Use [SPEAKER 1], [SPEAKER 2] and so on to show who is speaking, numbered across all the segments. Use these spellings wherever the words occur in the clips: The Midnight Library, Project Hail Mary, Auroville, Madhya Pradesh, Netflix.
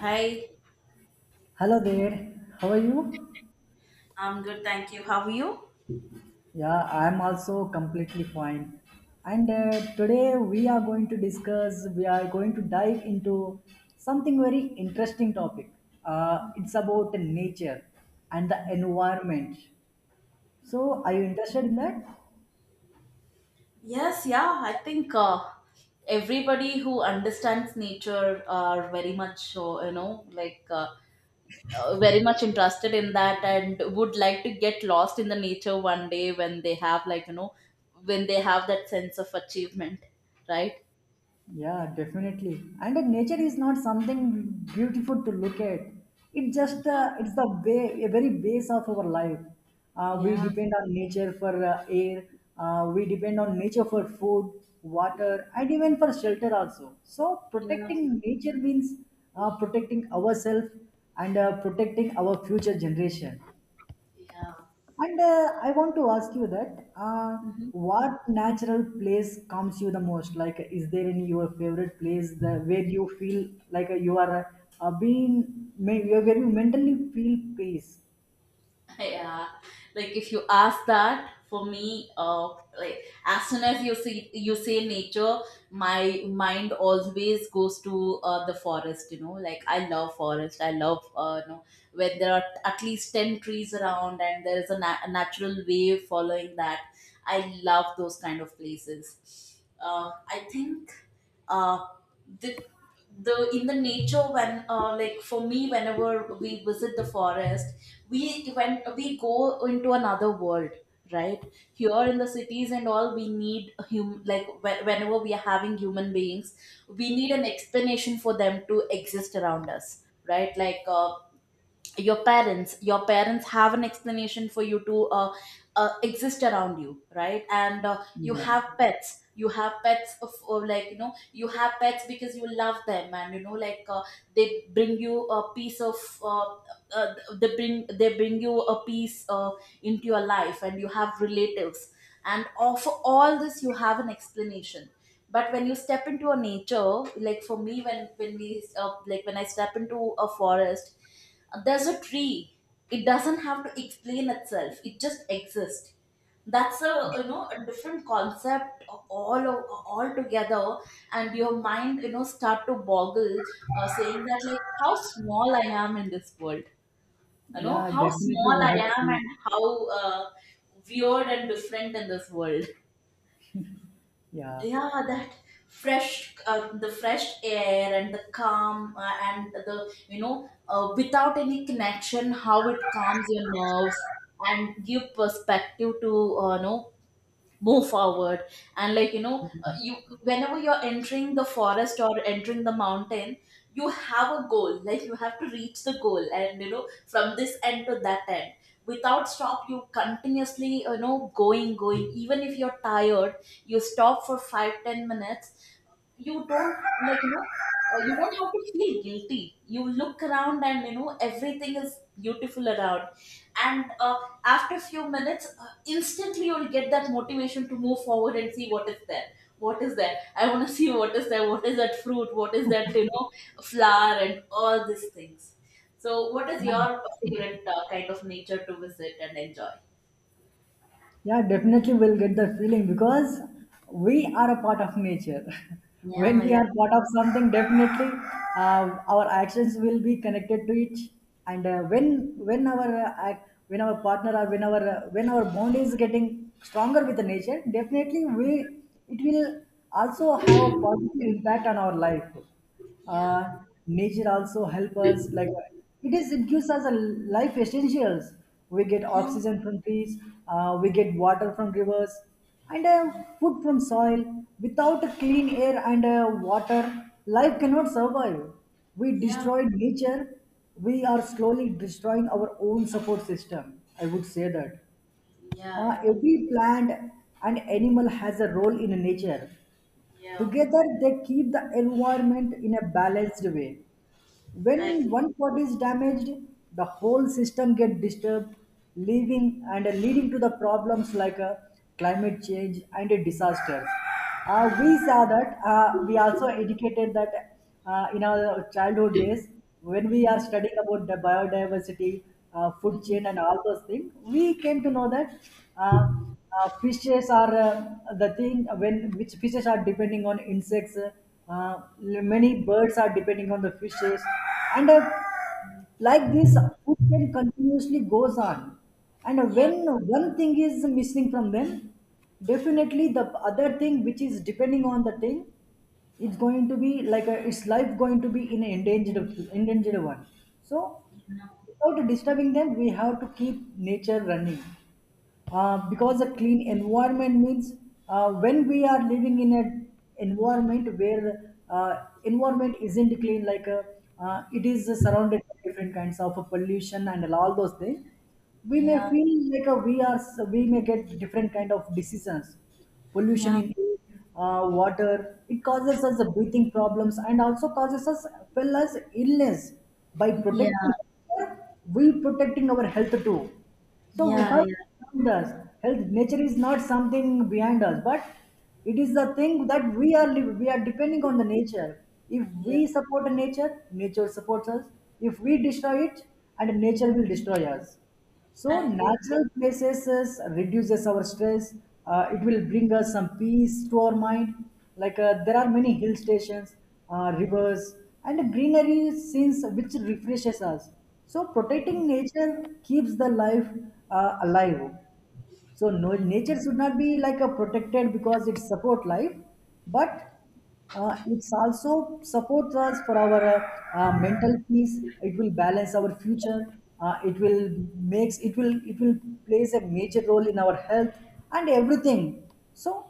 [SPEAKER 1] Hi,
[SPEAKER 2] Hello there, how are you?
[SPEAKER 1] I'm good, thank you. How are you?
[SPEAKER 2] Yeah, I'm also completely fine. And today we are going to discuss, we are going to dive into something very interesting topic. It's about nature and the environment. So, are you interested in that?
[SPEAKER 1] Yes, yeah, I think everybody who understands nature are very much, very much interested in that and would like to get lost in the nature one day when they have, when they have that sense of achievement, right?
[SPEAKER 2] Yeah, definitely. And the nature is not something beautiful to look at. It just
[SPEAKER 1] Yeah,
[SPEAKER 2] it's the way a very base of our life. We
[SPEAKER 1] yeah,
[SPEAKER 2] depend on nature for air. We depend on nature for food, water, and even for shelter also. So
[SPEAKER 1] yeah,
[SPEAKER 2] protecting nature means protecting ourselves and protecting our future generation. And I want to ask you that
[SPEAKER 1] yeah.
[SPEAKER 2] what natural place comes you the most? Like, is there any your favorite place that, where you feel like you are where you mentally feel peace?
[SPEAKER 1] Yeah, like if you ask that for me like as soon as you see you say nature, my mind always goes to the forest. You know, like I love forest, I love, when there are at least 10 trees around and there is a natural wave following that. I love those kind of places. I think, uh, the the in the nature, when like for me, whenever we visit the forest, we when we go into another world, right? Here in the cities and all, we need a hum like whenever we are having human beings, we need an explanation for them to exist around us, right? Your parents have an explanation for you to exist around you, right? And
[SPEAKER 2] Yeah,
[SPEAKER 1] you have pets of like, you know, you have pets because you love them. And you know, they bring you a piece of, uh, uh, they bring you a piece, into your life, and you have relatives and all- for all this you have an explanation. But when you step into a nature, like for me, when we like when I step into a forest, there's a tree. It doesn't have to explain itself, it just exists. That's, a you know, a different concept all together and your mind, you know, start to boggle, saying that like how small I am in this world. You know,
[SPEAKER 2] yeah,
[SPEAKER 1] how
[SPEAKER 2] definitely
[SPEAKER 1] small
[SPEAKER 2] we
[SPEAKER 1] I
[SPEAKER 2] have to
[SPEAKER 1] am and
[SPEAKER 2] feel.
[SPEAKER 1] how weird and different in this world.
[SPEAKER 2] Yeah.
[SPEAKER 1] Yeah, that fresh, the fresh air and the calm, and the you know without any connection, how it calms your nerves and give perspective to, move forward. And
[SPEAKER 2] Yeah.
[SPEAKER 1] you, whenever you're entering the forest or entering the mountain, you have a goal, like you have to reach the goal, and you know, from this end to that end, without stop you continuously, you know, going, even if you're tired, you stop for 5, 10 minutes. You don't you don't have to feel guilty. You look around and you know everything is beautiful around. And after a few minutes, instantly you'll get that motivation to move forward and see what is there. What is there? I want to see what is there. What is that fruit? What is that, you know, flower and all these things. So, what is your favorite kind of nature to visit and enjoy?
[SPEAKER 2] Yeah, definitely we'll get that feeling because we are a part of nature. When
[SPEAKER 1] Yeah,
[SPEAKER 2] we
[SPEAKER 1] yeah,
[SPEAKER 2] are part of something, definitely our actions will be connected to it. And when our when our partner or when our bond is getting stronger with the nature, definitely we it will also have a positive impact on our life.
[SPEAKER 1] yeah,
[SPEAKER 2] uh, Nature also help us, like it is it gives us a life essentials. We get
[SPEAKER 1] yeah, yeah,
[SPEAKER 2] oxygen from trees, we get water from rivers, and food from soil. Without a clean air and water, life cannot survive. We
[SPEAKER 1] yeah,
[SPEAKER 2] destroy nature, we are slowly destroying our own support system, I would say that.
[SPEAKER 1] yeah, yeah.
[SPEAKER 2] Every plant and animal has a role in nature.
[SPEAKER 1] Yeah.
[SPEAKER 2] Together, they keep the environment in a balanced way.
[SPEAKER 1] I
[SPEAKER 2] When
[SPEAKER 1] agree.
[SPEAKER 2] one part is damaged, the whole system gets disturbed, leaving and leading to the problems like climate change and disasters. We saw that we also educated that in our childhood days when we are studying about the biodiversity, food
[SPEAKER 1] Mhm.
[SPEAKER 2] chain, and all those things. We came to know that. Uh, Fishes are the thing when which fishes are depending on insects, uh, many birds are depending on the fishes and like this, food chain continuously goes on. And when
[SPEAKER 1] Yeah,
[SPEAKER 2] one thing is missing from them, definitely the other thing which is depending on the thing, it's going to be like a, its life going to be in an endangered one. So
[SPEAKER 1] yeah.
[SPEAKER 2] without disturbing them, we have to keep nature running. Because a clean environment means when we are living in an environment where environment isn't clean, like it is surrounded by different kinds of pollution and all those things, we may
[SPEAKER 1] Yeah,
[SPEAKER 2] feel like we are, we may get different kind of diseases. Pollution
[SPEAKER 1] yeah,
[SPEAKER 2] in air, water, it causes us breathing problems and also causes us well as illness. By protecting,
[SPEAKER 1] yeah,
[SPEAKER 2] we protecting our health too. So we
[SPEAKER 1] yeah,
[SPEAKER 2] have
[SPEAKER 1] yeah,
[SPEAKER 2] around us. Health nature is not something behind us, but it is the thing that we are depending on the nature. If
[SPEAKER 1] yeah.
[SPEAKER 2] we support nature, nature supports us. If we destroy it, and nature will destroy us. So
[SPEAKER 1] I agree.
[SPEAKER 2] natural places is- reduces our stress. It will bring us some peace to our mind. Like there are many hill stations, rivers, and greenery scenes which refreshes us. So protecting nature keeps the life alive. So no, nature should not be like a protected because it support life, but it's also supports us for our mental peace. It will balance our future. It will makes, it will, it will plays a major role in our health and everything. So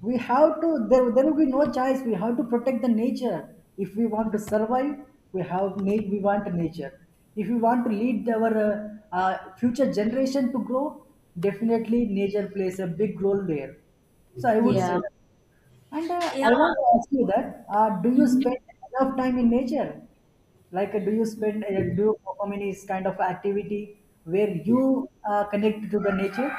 [SPEAKER 2] we have to, there will be no choice, we have to protect the nature. If we want to survive, we have we want nature. If we want to lead our future generation to grow, definitely nature plays a big role there, so I would say
[SPEAKER 1] Yeah,
[SPEAKER 2] that. And
[SPEAKER 1] yeah.
[SPEAKER 2] I want to ask you that do you
[SPEAKER 1] Mhm.
[SPEAKER 2] spend enough time in nature? Like do you spend do you perform any kind of activity where you connect to the nature?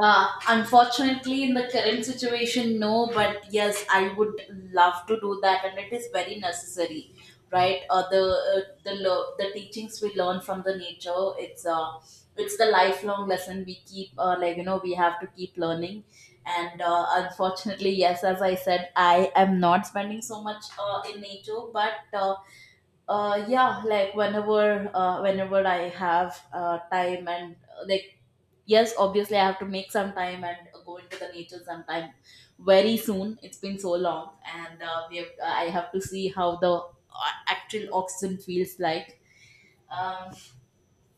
[SPEAKER 1] Unfortunately, in the current situation, no. But yes, I would love to do that, and it is very necessary, right? The teachings we learn from the nature, it's, it's the lifelong lesson we keep. Like you know, we have to keep learning. And unfortunately, yes, as I said, I am not spending so much in nature, but yeah, like whenever I have time and, yes, obviously I have to make some time and go into the nature sometime very soon. It's been so long and I have to see how the actual oxygen feels like. um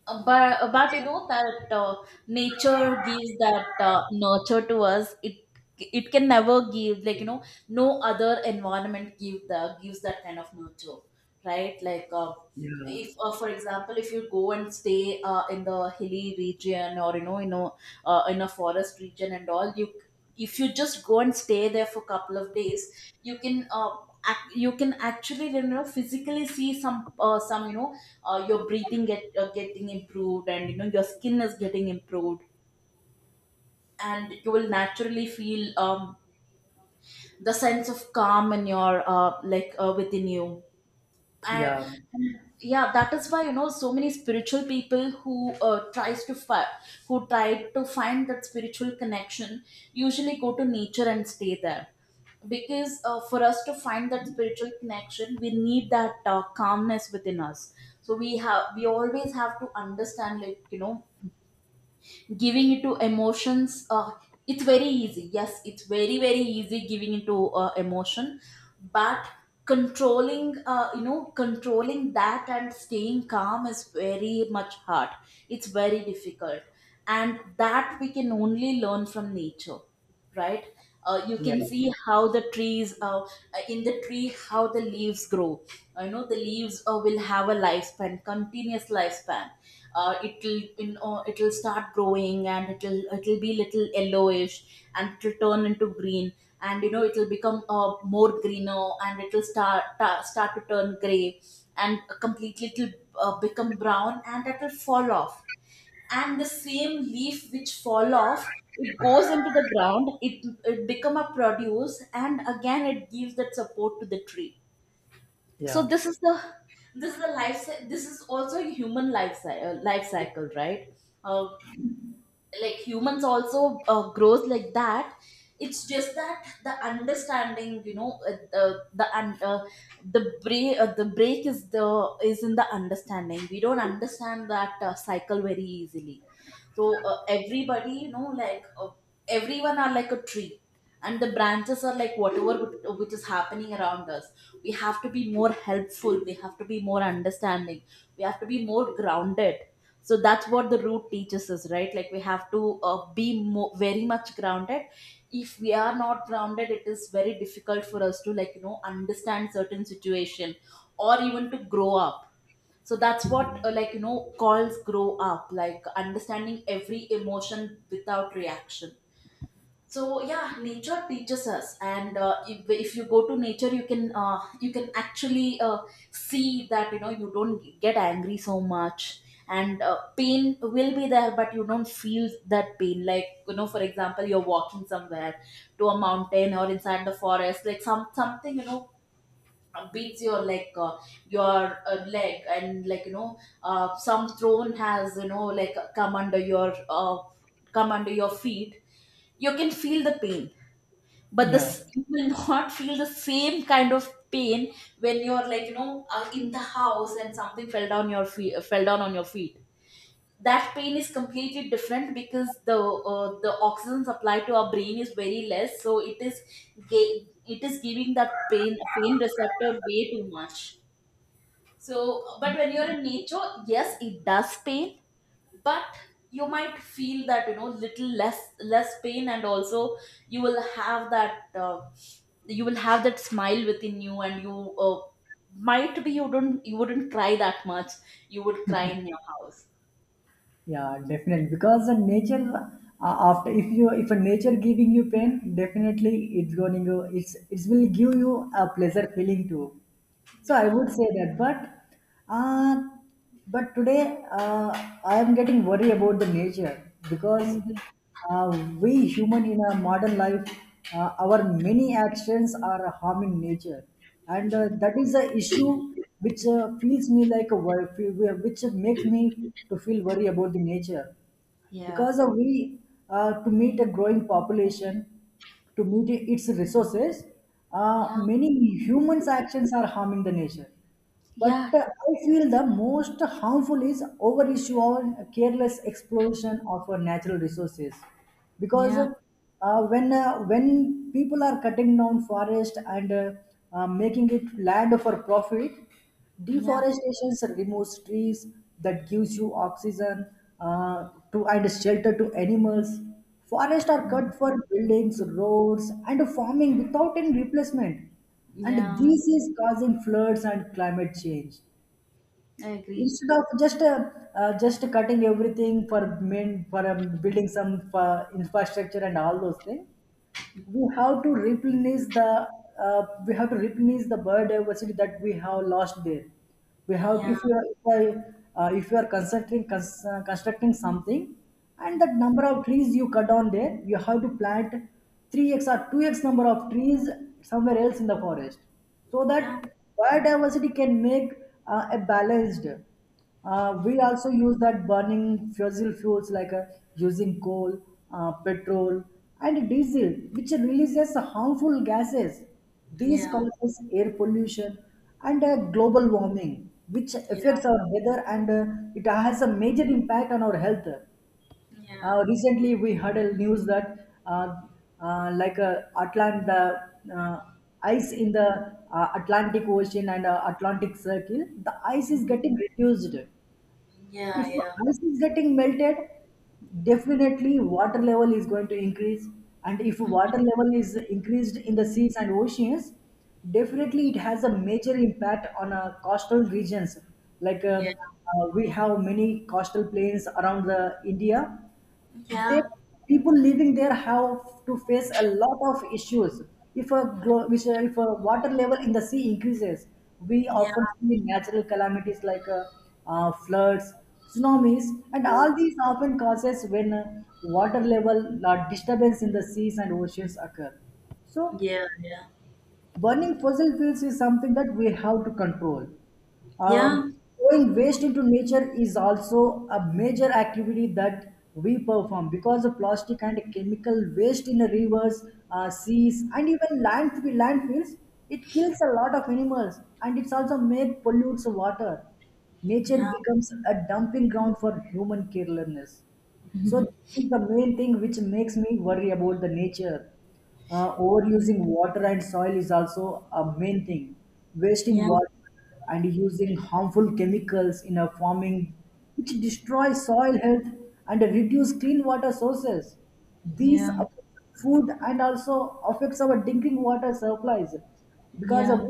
[SPEAKER 1] but you know that nature gives that nurture to us. It can never give, like you know, no other environment give the gives that kind of nurture, right?
[SPEAKER 2] Yeah,
[SPEAKER 1] If for example, if you go and stay in the hilly region, or in a forest region and all, you, if you just go and stay there for a couple of days, you can, you can actually, you know, physically see some, your breathing getting improved, and you know your skin is getting improved, and you will naturally feel, the sense of calm in your, within you. and
[SPEAKER 2] yeah,
[SPEAKER 1] and, yeah, that is why you know so many spiritual people who try to find that spiritual connection, usually go to nature and stay there. Because for us to find that spiritual connection, we need that calmness within us. So we have, we always have to understand, like you know, giving into emotions, it's very easy. Yes, it's very very easy giving into to emotion. But controlling, controlling that and staying calm is very much hard. It's very difficult. And that we can only learn from nature, right? You
[SPEAKER 2] yeah,
[SPEAKER 1] can see how the trees, in the tree, how the leaves grow. You know, the leaves will have a lifespan, continuous lifespan. It'll, you know, it'll start growing, and it'll be little yellowish, and it'll turn into green. And you know it'll become more greener, and it'll start to turn gray, and completely it'll become brown, and that will fall off. And the same leaf which fall off, it goes into the ground, it become a produce, and again it gives that support to the tree. So
[SPEAKER 2] yeah,
[SPEAKER 1] this is the, this is the this is also a human life cycle, right? uh, like humans also grows like that. It's just that the understanding, you know, the break is the, is in the understanding. We don't understand that cycle very easily. So, everybody, you know, everyone are like a tree, and the branches are like whatever which is happening around us. We have to be more helpful. We have to be more understanding. We have to be more grounded. So that's what the root teaches us, right? Like we have to, very much grounded. If we are not grounded, it is very difficult for us to, like you know, understand certain situation, or even to grow up. So that's what, calls grow up, like understanding every emotion without reaction. So yeah, nature teaches us, and if you go to nature, you can, you can actually, see that, you know, you don't get angry so much. And pain will be there, but you don't feel that pain, like you know, for example, you're walking somewhere to a mountain or inside the forest, like some something, you know, beats your leg, and like you know, some throne has, you know, like come under your feet. You can feel the pain, but
[SPEAKER 2] yeah,
[SPEAKER 1] this you will not feel the same kind of pain when you're, like you know, in the house, and something fell down your feet fell down on your feet. That pain is completely different, because the oxygen supply to our brain is very less, so it is it is giving that pain receptor way too much. So but when you're in nature, yes it does pain, but you might feel that, you know, little less pain. And also you will have that, you will have that smile within you, and you, might be you don't, you wouldn't cry that much. You would cry in your house.
[SPEAKER 2] yeah, definitely because the nature, after, if you, if a nature giving you pain, definitely it's going to, it's, it will give you a pleasure feeling too, so I would say that. But uh but today I am getting worried about the nature because
[SPEAKER 1] Yeah.
[SPEAKER 2] Uh, we human in a modern life, our many actions are harming nature, and that is the issue which feels me like a wor- which makes me to feel worry about the nature.
[SPEAKER 1] Yeah,
[SPEAKER 2] Because we to meet a growing population, to meet its resources,
[SPEAKER 1] yeah,
[SPEAKER 2] many humans actions are harming the nature. But
[SPEAKER 1] yeah,
[SPEAKER 2] I feel the most harmful is over issue or careless exploration of our natural resources. Because
[SPEAKER 1] yeah,
[SPEAKER 2] when people are cutting down forest and making it land for profit.
[SPEAKER 1] yeah,
[SPEAKER 2] Deforestation removes trees that gives you oxygen to and shelter to animals. Forests are
[SPEAKER 1] mm,
[SPEAKER 2] cut for buildings, roads, and farming without any replacement. And
[SPEAKER 1] yeah.
[SPEAKER 2] this is causing floods and climate change.
[SPEAKER 1] I agree.
[SPEAKER 2] Instead of just cutting everything for main for building some infrastructure and all those things, we have to replenish the we have to replenish the biodiversity that we have lost there. We have,
[SPEAKER 1] Yeah,
[SPEAKER 2] if you are, if, if you are constructing constructing something, and that number of trees you cut down there, you have to plant 3x or 2x number of trees somewhere else in the forest, so
[SPEAKER 1] yeah,
[SPEAKER 2] that biodiversity can make a balanced. We also use that burning fossil fuels, like using coal, petrol, and diesel, which releases harmful gases. These
[SPEAKER 1] yeah,
[SPEAKER 2] causes air pollution and global warming, which
[SPEAKER 1] yeah,
[SPEAKER 2] affects our weather and it has a major impact on our health.
[SPEAKER 1] yeah,
[SPEAKER 2] Recently, we heard a news that like Atlanta, ice in the Atlantic Ocean and Atlantic Circle, the ice is
[SPEAKER 1] mm,
[SPEAKER 2] getting reduced.
[SPEAKER 1] yeah,
[SPEAKER 2] If
[SPEAKER 1] yeah,
[SPEAKER 2] ice is getting melted, definitely water level is going to increase. And if water level is increased in the seas and oceans, definitely it has a major impact on our coastal regions. Like
[SPEAKER 1] yeah,
[SPEAKER 2] we have many coastal plains around the India, they
[SPEAKER 1] yeah,
[SPEAKER 2] people living there have to face a lot of issues. If a glo- which, if a water level in the sea increases, we
[SPEAKER 1] yeah,
[SPEAKER 2] often see natural calamities like floods, tsunamis, and all these often causes when water level disturbance in the seas and oceans occur.
[SPEAKER 1] yeah, yeah, yeah, yeah, yeah, yeah,
[SPEAKER 2] So
[SPEAKER 1] yeah, yeah, yeah, yeah, yeah,
[SPEAKER 2] burning fossil fuels is something that we have to control. Um,
[SPEAKER 1] yeah,
[SPEAKER 2] Throwing waste into nature is also a major activity that we perform, because of plastic and chemical waste in the rivers, seas, and even landfills. It kills a lot of animals and it's also made pollutes water. Nature
[SPEAKER 1] yeah,
[SPEAKER 2] becomes a dumping ground for human carelessness. So this is the main thing which makes me worry about the nature. Overusing water and soil is also a main thing. Wasting water and using harmful chemicals in our farming, which destroys soil health and reduce clean water sources. These affect food and also affects our drinking water supplies. Because of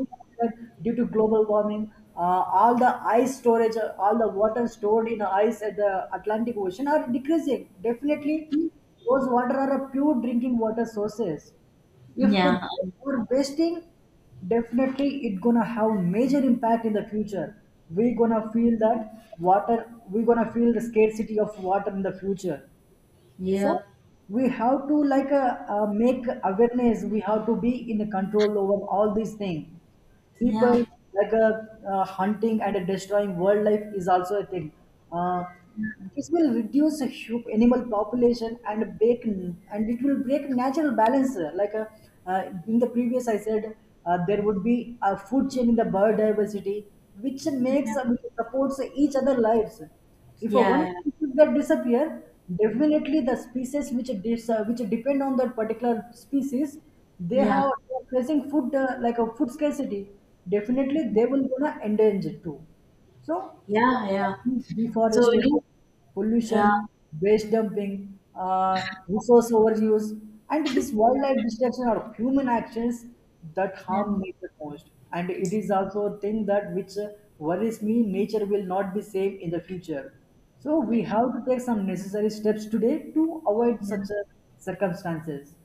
[SPEAKER 2] that, due to global warming, all the ice storage, all the water stored in ice at the Atlantic Ocean are decreasing. Definitely, those water are a pure drinking water sources. If we're wasting, definitely it gonna have major impact in the future. We're gonna feel that water. We're gonna feel the scarcity of water in the future. So we have to like make awareness. We have to be in control over all these things. People like hunting and destroying wildlife is also a thing. Uh, this will reduce animal population and break, and it will break natural balance. Like in the previous, I said there would be a food chain in the biodiversity, which makes which supports each other lives. If a one species that disappear, definitely the species which which depend on that particular species, they
[SPEAKER 1] yeah.
[SPEAKER 2] have they are facing food like a food scarcity. Definitely, they will gonna endanger too. So,
[SPEAKER 1] Yeah. So
[SPEAKER 2] deforestation,
[SPEAKER 1] you know,
[SPEAKER 2] pollution, waste dumping, resource overuse, and this wildlife destruction are human actions that
[SPEAKER 1] yeah,
[SPEAKER 2] harm nature most. And it is also a thing that which worries me. Nature will not be safe in the future. So
[SPEAKER 1] yeah,
[SPEAKER 2] we have to take some necessary steps today to avoid such
[SPEAKER 1] yeah.
[SPEAKER 2] circumstances.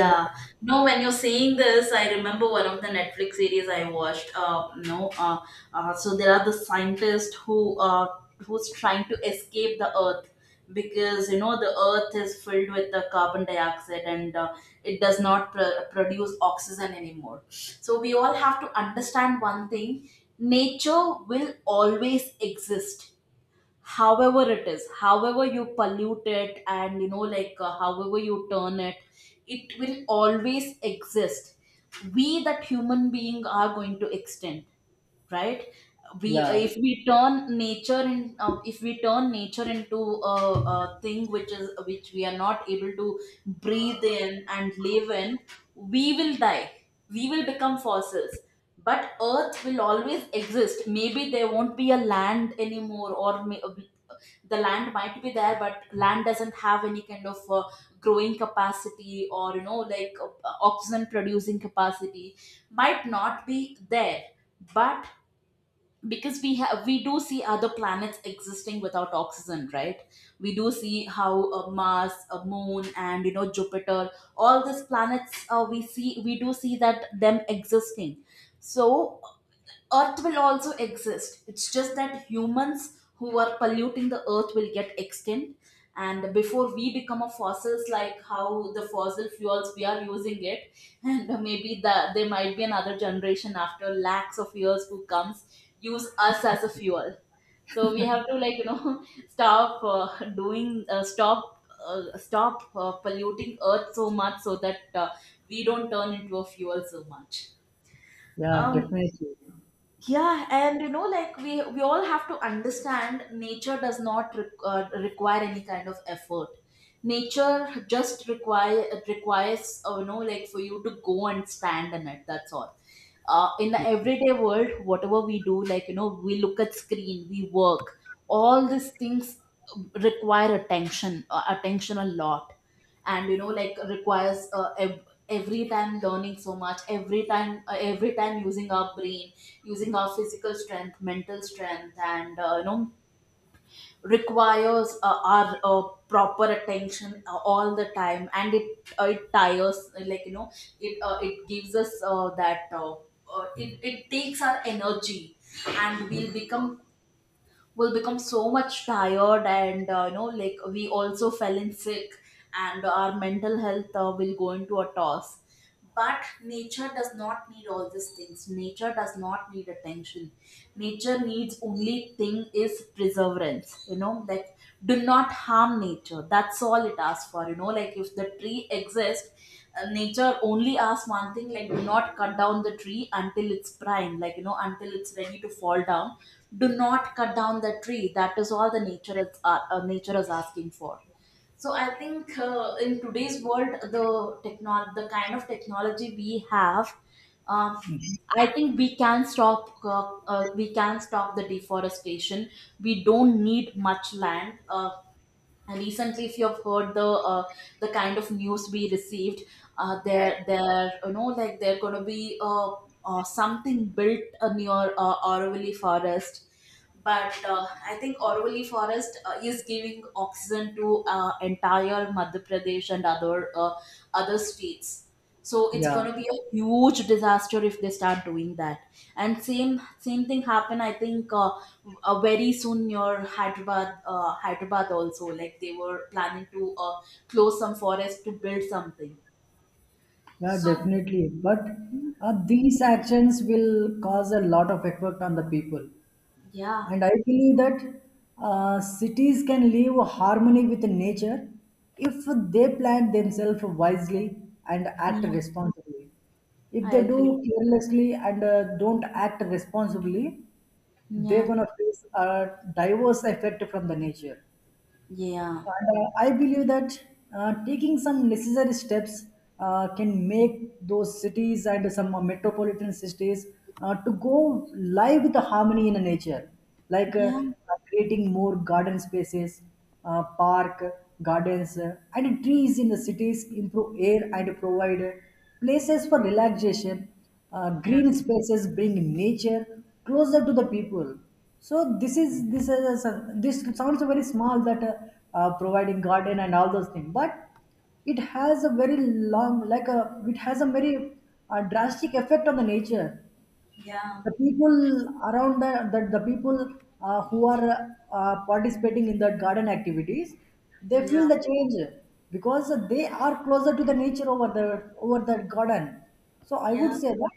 [SPEAKER 2] What?
[SPEAKER 1] No, when you're saying this, I remember one of the Netflix series I watched. No, so there are the scientists who's trying to escape the Earth, because you know, the Earth is filled with the carbon dioxide, and it does not produce oxygen anymore. So we all have to understand one thing: nature will always exist however it is, however you pollute it, and however you turn it, it will always exist. We, that human being, are going to extend, right? We,
[SPEAKER 2] Yeah,
[SPEAKER 1] if we turn nature into a thing which is, which we are not able to breathe in and live in, we will die. We will become fossils. But earth will always exist. Maybe there won't be a land anymore, or the land might be there but land doesn't have any kind of growing capacity, or oxygen producing capacity might not be there. But because we have, we do see other planets existing without oxygen, right? We do see how mars, moon, and jupiter, all these planets, we do see that them existing. So Earth will also exist. It's just that humans who are polluting the earth will get extinct. And before we become a fossils, like how the fossil fuels we are using it, and maybe there might be another generation after lakhs of years who comes use us as a fuel. So we have to, stop doing stop polluting Earth so much so that we don't turn into a fuel so much.
[SPEAKER 2] yeah,
[SPEAKER 1] Um,
[SPEAKER 2] definitely.
[SPEAKER 1] yeah, and you know like we all have to understand, nature does not require any kind of effort. Nature just requires, for you to go and stand in it, that's all. In the everyday world, whatever we do, we look at screen, we work, all these things require attention, attention a lot. And requires every time learning so much, every time using our brain, using our physical strength, mental strength, and requires our, proper attention all the time. And it tires, it gives us it takes our energy. And we'll become, will become so much tired. And we also fell in sick, and our mental health will go into a toss. But nature does not need all these things. Nature does not need attention. Nature needs only thing is perseverance. Do not harm nature, that's all it asks for. If the tree exists, nature only asks one thing: like do not cut down the tree until it's prime, until it's ready to fall down. Do not cut down the tree, that is all the nature is asking for. So I think in today's world, the kind of technology we have, um, I think we can stop the deforestation. We don't need much land. And recently, if you've heard the kind of news we received, there there you know like there going to be something built near Auroville forest. But I think Auroville forest is giving oxygen to entire Madhya Pradesh and other other states. So it's
[SPEAKER 2] Yeah,
[SPEAKER 1] going to be a huge disaster if they start doing that. And same thing happened, I think, very soon near hyderabad, hyderabad also, like they were planning to close some forest to build something.
[SPEAKER 2] yeah,
[SPEAKER 1] So
[SPEAKER 2] definitely. But these actions will cause a lot of effect on the people.
[SPEAKER 1] yeah,
[SPEAKER 2] And I believe that cities can live harmony with nature if they plan themselves wisely and act
[SPEAKER 1] yeah,
[SPEAKER 2] responsibly. If
[SPEAKER 1] I
[SPEAKER 2] they
[SPEAKER 1] agree.
[SPEAKER 2] do carelessly and don't act responsibly, they're
[SPEAKER 1] Yeah,
[SPEAKER 2] going to face a diverse effect from the nature.
[SPEAKER 1] yeah,
[SPEAKER 2] And I believe that taking some necessary steps can make those cities and some metropolitan cities to go live with the harmony in the nature, like
[SPEAKER 1] yeah,
[SPEAKER 2] creating more garden spaces, park, gardens, and trees in the cities improve air and provide places for relaxation.
[SPEAKER 1] yeah,
[SPEAKER 2] Green spaces bring nature closer to the people. So this sounds very small, that providing garden and all those things, but it has a very long like a it has a very drastic effect on the nature,
[SPEAKER 1] yeah,
[SPEAKER 2] the people around the people who are participating in that garden activities, they feel
[SPEAKER 1] yeah,
[SPEAKER 2] the change because they are closer to the nature over the garden. So I would
[SPEAKER 1] yeah,
[SPEAKER 2] say that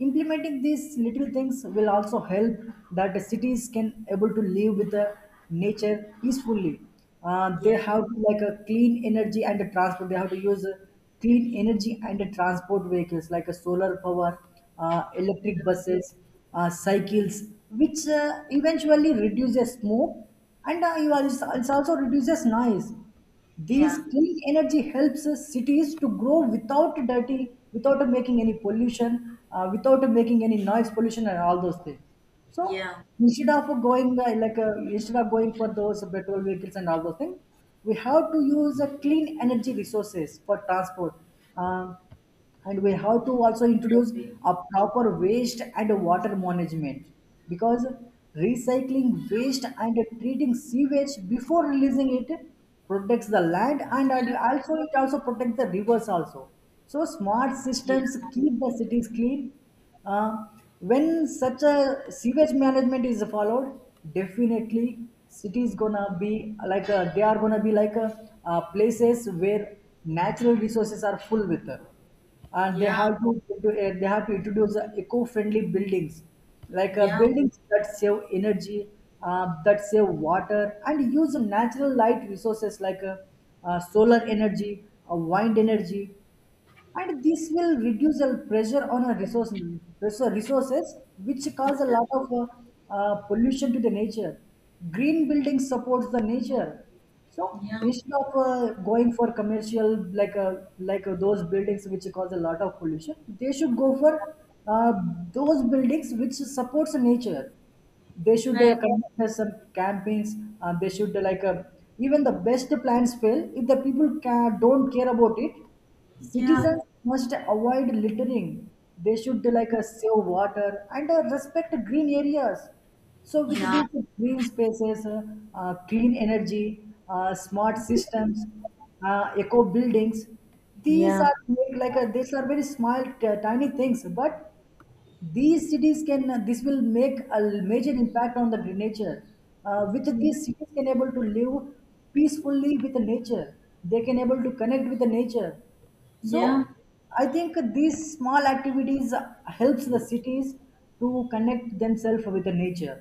[SPEAKER 2] implementing these little things will also help, that the cities can able to live with the nature peacefully.
[SPEAKER 1] yeah,
[SPEAKER 2] They have to, like a clean energy and a transport, they have to use clean energy and a transport vehicles like a solar power,
[SPEAKER 1] yeah,
[SPEAKER 2] electric buses, cycles, which eventually reduces smoke, and it also reduces noise. These
[SPEAKER 1] yeah,
[SPEAKER 2] clean energy helps us cities to grow without dirty, without making any pollution, without making any noise pollution and all those things. So
[SPEAKER 1] yeah.
[SPEAKER 2] instead of going instead of going for those petrol vehicles and all those things, we have to use clean energy resources for transport. Um and we have to also
[SPEAKER 1] I
[SPEAKER 2] introduce
[SPEAKER 1] agree.
[SPEAKER 2] a proper waste and water management, because recycling waste and treating sewage before releasing it protects the land, and
[SPEAKER 1] Yeah,
[SPEAKER 2] also it also protects the rivers also. So smart
[SPEAKER 1] yeah,
[SPEAKER 2] systems keep the cities clean. uh, when such a sewage management is followed, definitely cities gonna be like they are gonna be like places where natural resources are full with. And they
[SPEAKER 1] yeah,
[SPEAKER 2] have to they have to introduce eco-friendly buildings, like
[SPEAKER 1] yeah,
[SPEAKER 2] buildings that save energy, that save water and use natural light resources, like solar energy, wind energy. And this will reduce the pressure on our resources, which cause a lot of pollution to the nature. Green building supports the nature. So
[SPEAKER 1] yeah.
[SPEAKER 2] instead of going for commercial, those buildings which cause a lot of pollution, they should go for uh, those buildings which supports nature. They should
[SPEAKER 1] I-
[SPEAKER 2] conduct us some campaigns, they should like even the best plans fail if the people don't care about it.
[SPEAKER 1] yeah.
[SPEAKER 2] Citizens must avoid littering. They should save water and respect green areas. So with
[SPEAKER 1] Yeah.
[SPEAKER 2] these green spaces, clean energy, smart systems, eco buildings, these
[SPEAKER 1] Yeah.
[SPEAKER 2] are these are very small tiny things, but these cities can, this will make a major impact on the nature. With these, cities can able to live peacefully with the nature, they can able to connect with the nature. So
[SPEAKER 1] Yeah.
[SPEAKER 2] I think these small activities helps the cities to connect themselves with the nature.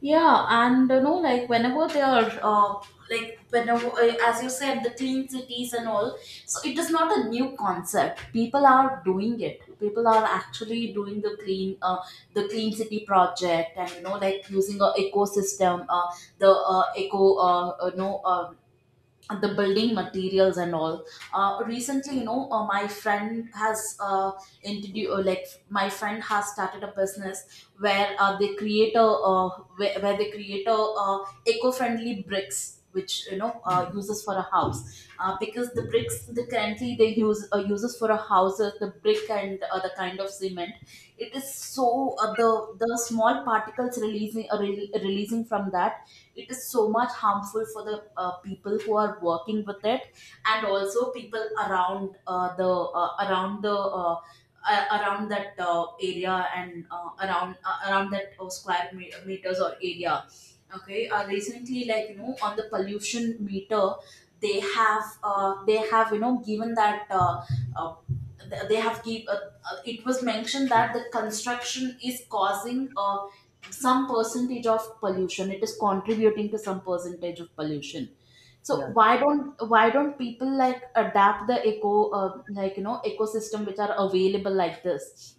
[SPEAKER 1] Yeah. And you know, like whenever they are, whenever, as you said, the clean cities and all, so it is not a new concept. People are doing it. People are actually doing the clean city project, and using a ecosystem, the eco no the building materials and all. Recently, my friend has introduced like my friend has started a business where they create a where they create a eco-friendly bricks which uses for a house. Because the bricks the currently they use, uses for a house, the brick and the kind of cement it is. So uh, the the small particles releasing from that, it is so much harmful for the people who are working with it, and also people around the, uh, around that, area, and around, that meters or area. Okay, recently, on the pollution meter, they have, they have, given that, uh, th- they have give it was mentioned that the construction is causing some percentage of pollution, it is contributing to some percentage of pollution. So
[SPEAKER 2] Yeah.
[SPEAKER 1] why don't people like adapt the ecosystem which are available like this?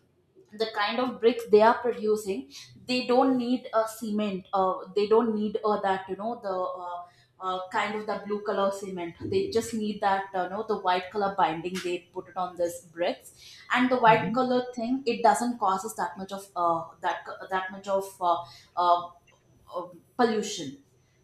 [SPEAKER 1] The kind of bricks they are producing, they don't need a cement, they don't need that you know the kind of the blue color cement. They just need that, the white color binding, they put it on this bricks. And the white
[SPEAKER 2] Mhm.
[SPEAKER 1] color thing, it doesn't causes that much of, that that much of, uh, uh, pollution.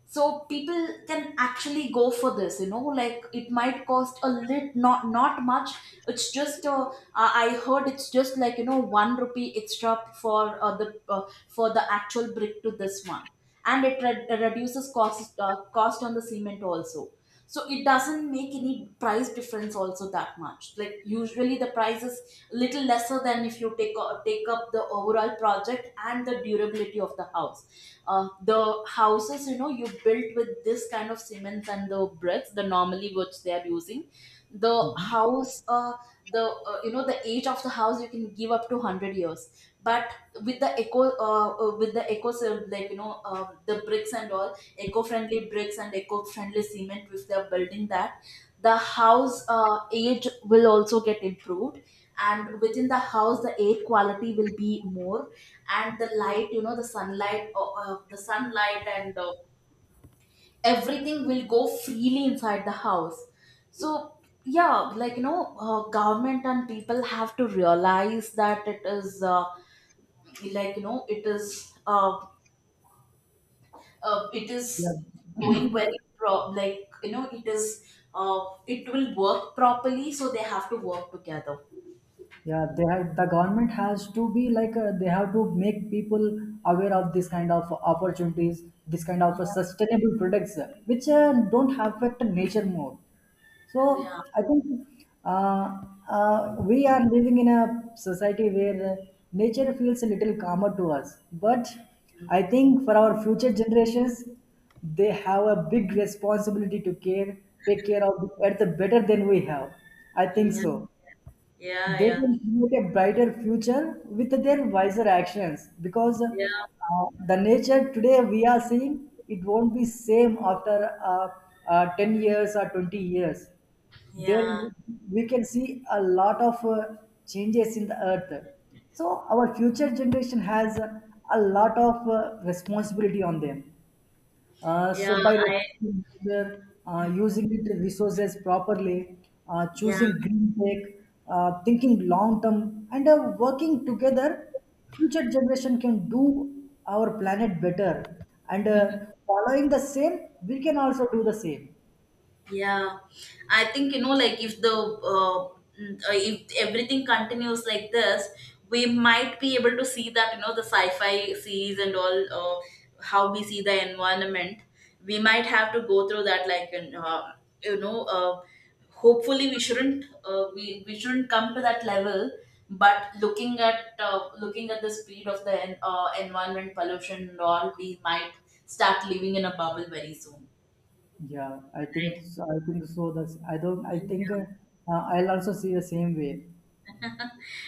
[SPEAKER 1] So people can actually go for this. It might cost a lit, not much. It's just I heard it's just 1 rupee extra for the for the actual brick to this one. And it reduces cost, cost on the cement also. So it doesn't make any price difference also that much. Like, usually the price is little lesser than, if you take take up the overall project, and the durability of the house, the houses, you built with this kind of cements and the bricks, the normally which they are using, the house uh, the age of the house, you can give up to 100 years. But with the eco so, the bricks and all, eco friendly bricks and eco friendly cement, if they are building that, the house age will also get improved. And within the house, the air quality will be more. And the light, the sunlight, the sunlight and everything will go freely inside the house. So yeah, government and people have to realize that it is, it is, it
[SPEAKER 2] Yeah,
[SPEAKER 1] is going very pro- like you know it is, it will work properly, so they have to work together.
[SPEAKER 2] yeah, they have, the government has to be, like they have to make people aware of this kind of opportunities, this kind of
[SPEAKER 1] Yeah,
[SPEAKER 2] sustainable products which don't affect nature more. So
[SPEAKER 1] yeah,
[SPEAKER 2] I think uh, we are living in a society where nature feels a little calmer to us, but I think for our future generations, they have a big responsibility to care, take care of the earth better than we have. I think
[SPEAKER 1] yeah,
[SPEAKER 2] so.
[SPEAKER 1] yeah,
[SPEAKER 2] They
[SPEAKER 1] yeah,
[SPEAKER 2] can create a brighter future with their wiser actions, because
[SPEAKER 1] yeah,
[SPEAKER 2] the nature today we are seeing it won't be same after 10 years or 20 years. There
[SPEAKER 1] yeah,
[SPEAKER 2] we can see a lot of changes in the earth. So our future generation has a lot of responsibility on them. Uh, so
[SPEAKER 1] yeah,
[SPEAKER 2] by
[SPEAKER 1] I,
[SPEAKER 2] respecting user, using it resources properly,
[SPEAKER 1] yeah.
[SPEAKER 2] choosing green tech, thinking long term, and working together, future generation can do our planet better. And following the same, we can also do the same.
[SPEAKER 1] Yeah, I think, if the, if everything continues like this, we might be able to see that, the sci-fi series and all, how we see the environment. We might have to go through that, like you know, uh, hopefully we shouldn't come to that level. But looking at, looking at the speed of the environment pollution and all, we might start living in a bubble very soon,
[SPEAKER 2] Yeah, I think so. I think so. That's, I don't. I think
[SPEAKER 1] right?
[SPEAKER 2] I'll also see the same way.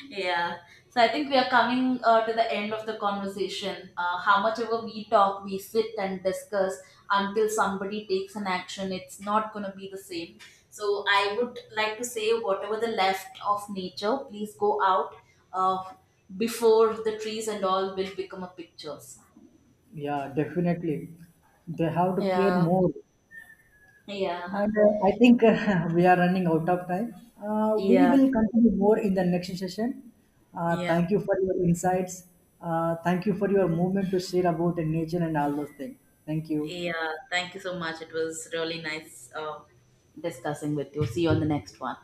[SPEAKER 1] Yeah. So I think we are coming to the end of the conversation. How much ever we talk, we sit and discuss, until somebody takes an action, it's not going to be the same. So I would like to say, whatever the left of nature, please go out, uh, before the trees and all will become a pictures.
[SPEAKER 2] Yeah, definitely. They have to care
[SPEAKER 1] Yeah,
[SPEAKER 2] more.
[SPEAKER 1] yeah,
[SPEAKER 2] And I think we are running out of time. We
[SPEAKER 1] yeah,
[SPEAKER 2] will continue more in the next session.
[SPEAKER 1] yeah.
[SPEAKER 2] Thank you for your insights. Thank you for your movement to share about nature and all those things. Thank you.
[SPEAKER 1] Yeah. Thank you so much. It was really nice discussing with you. See you on the next one.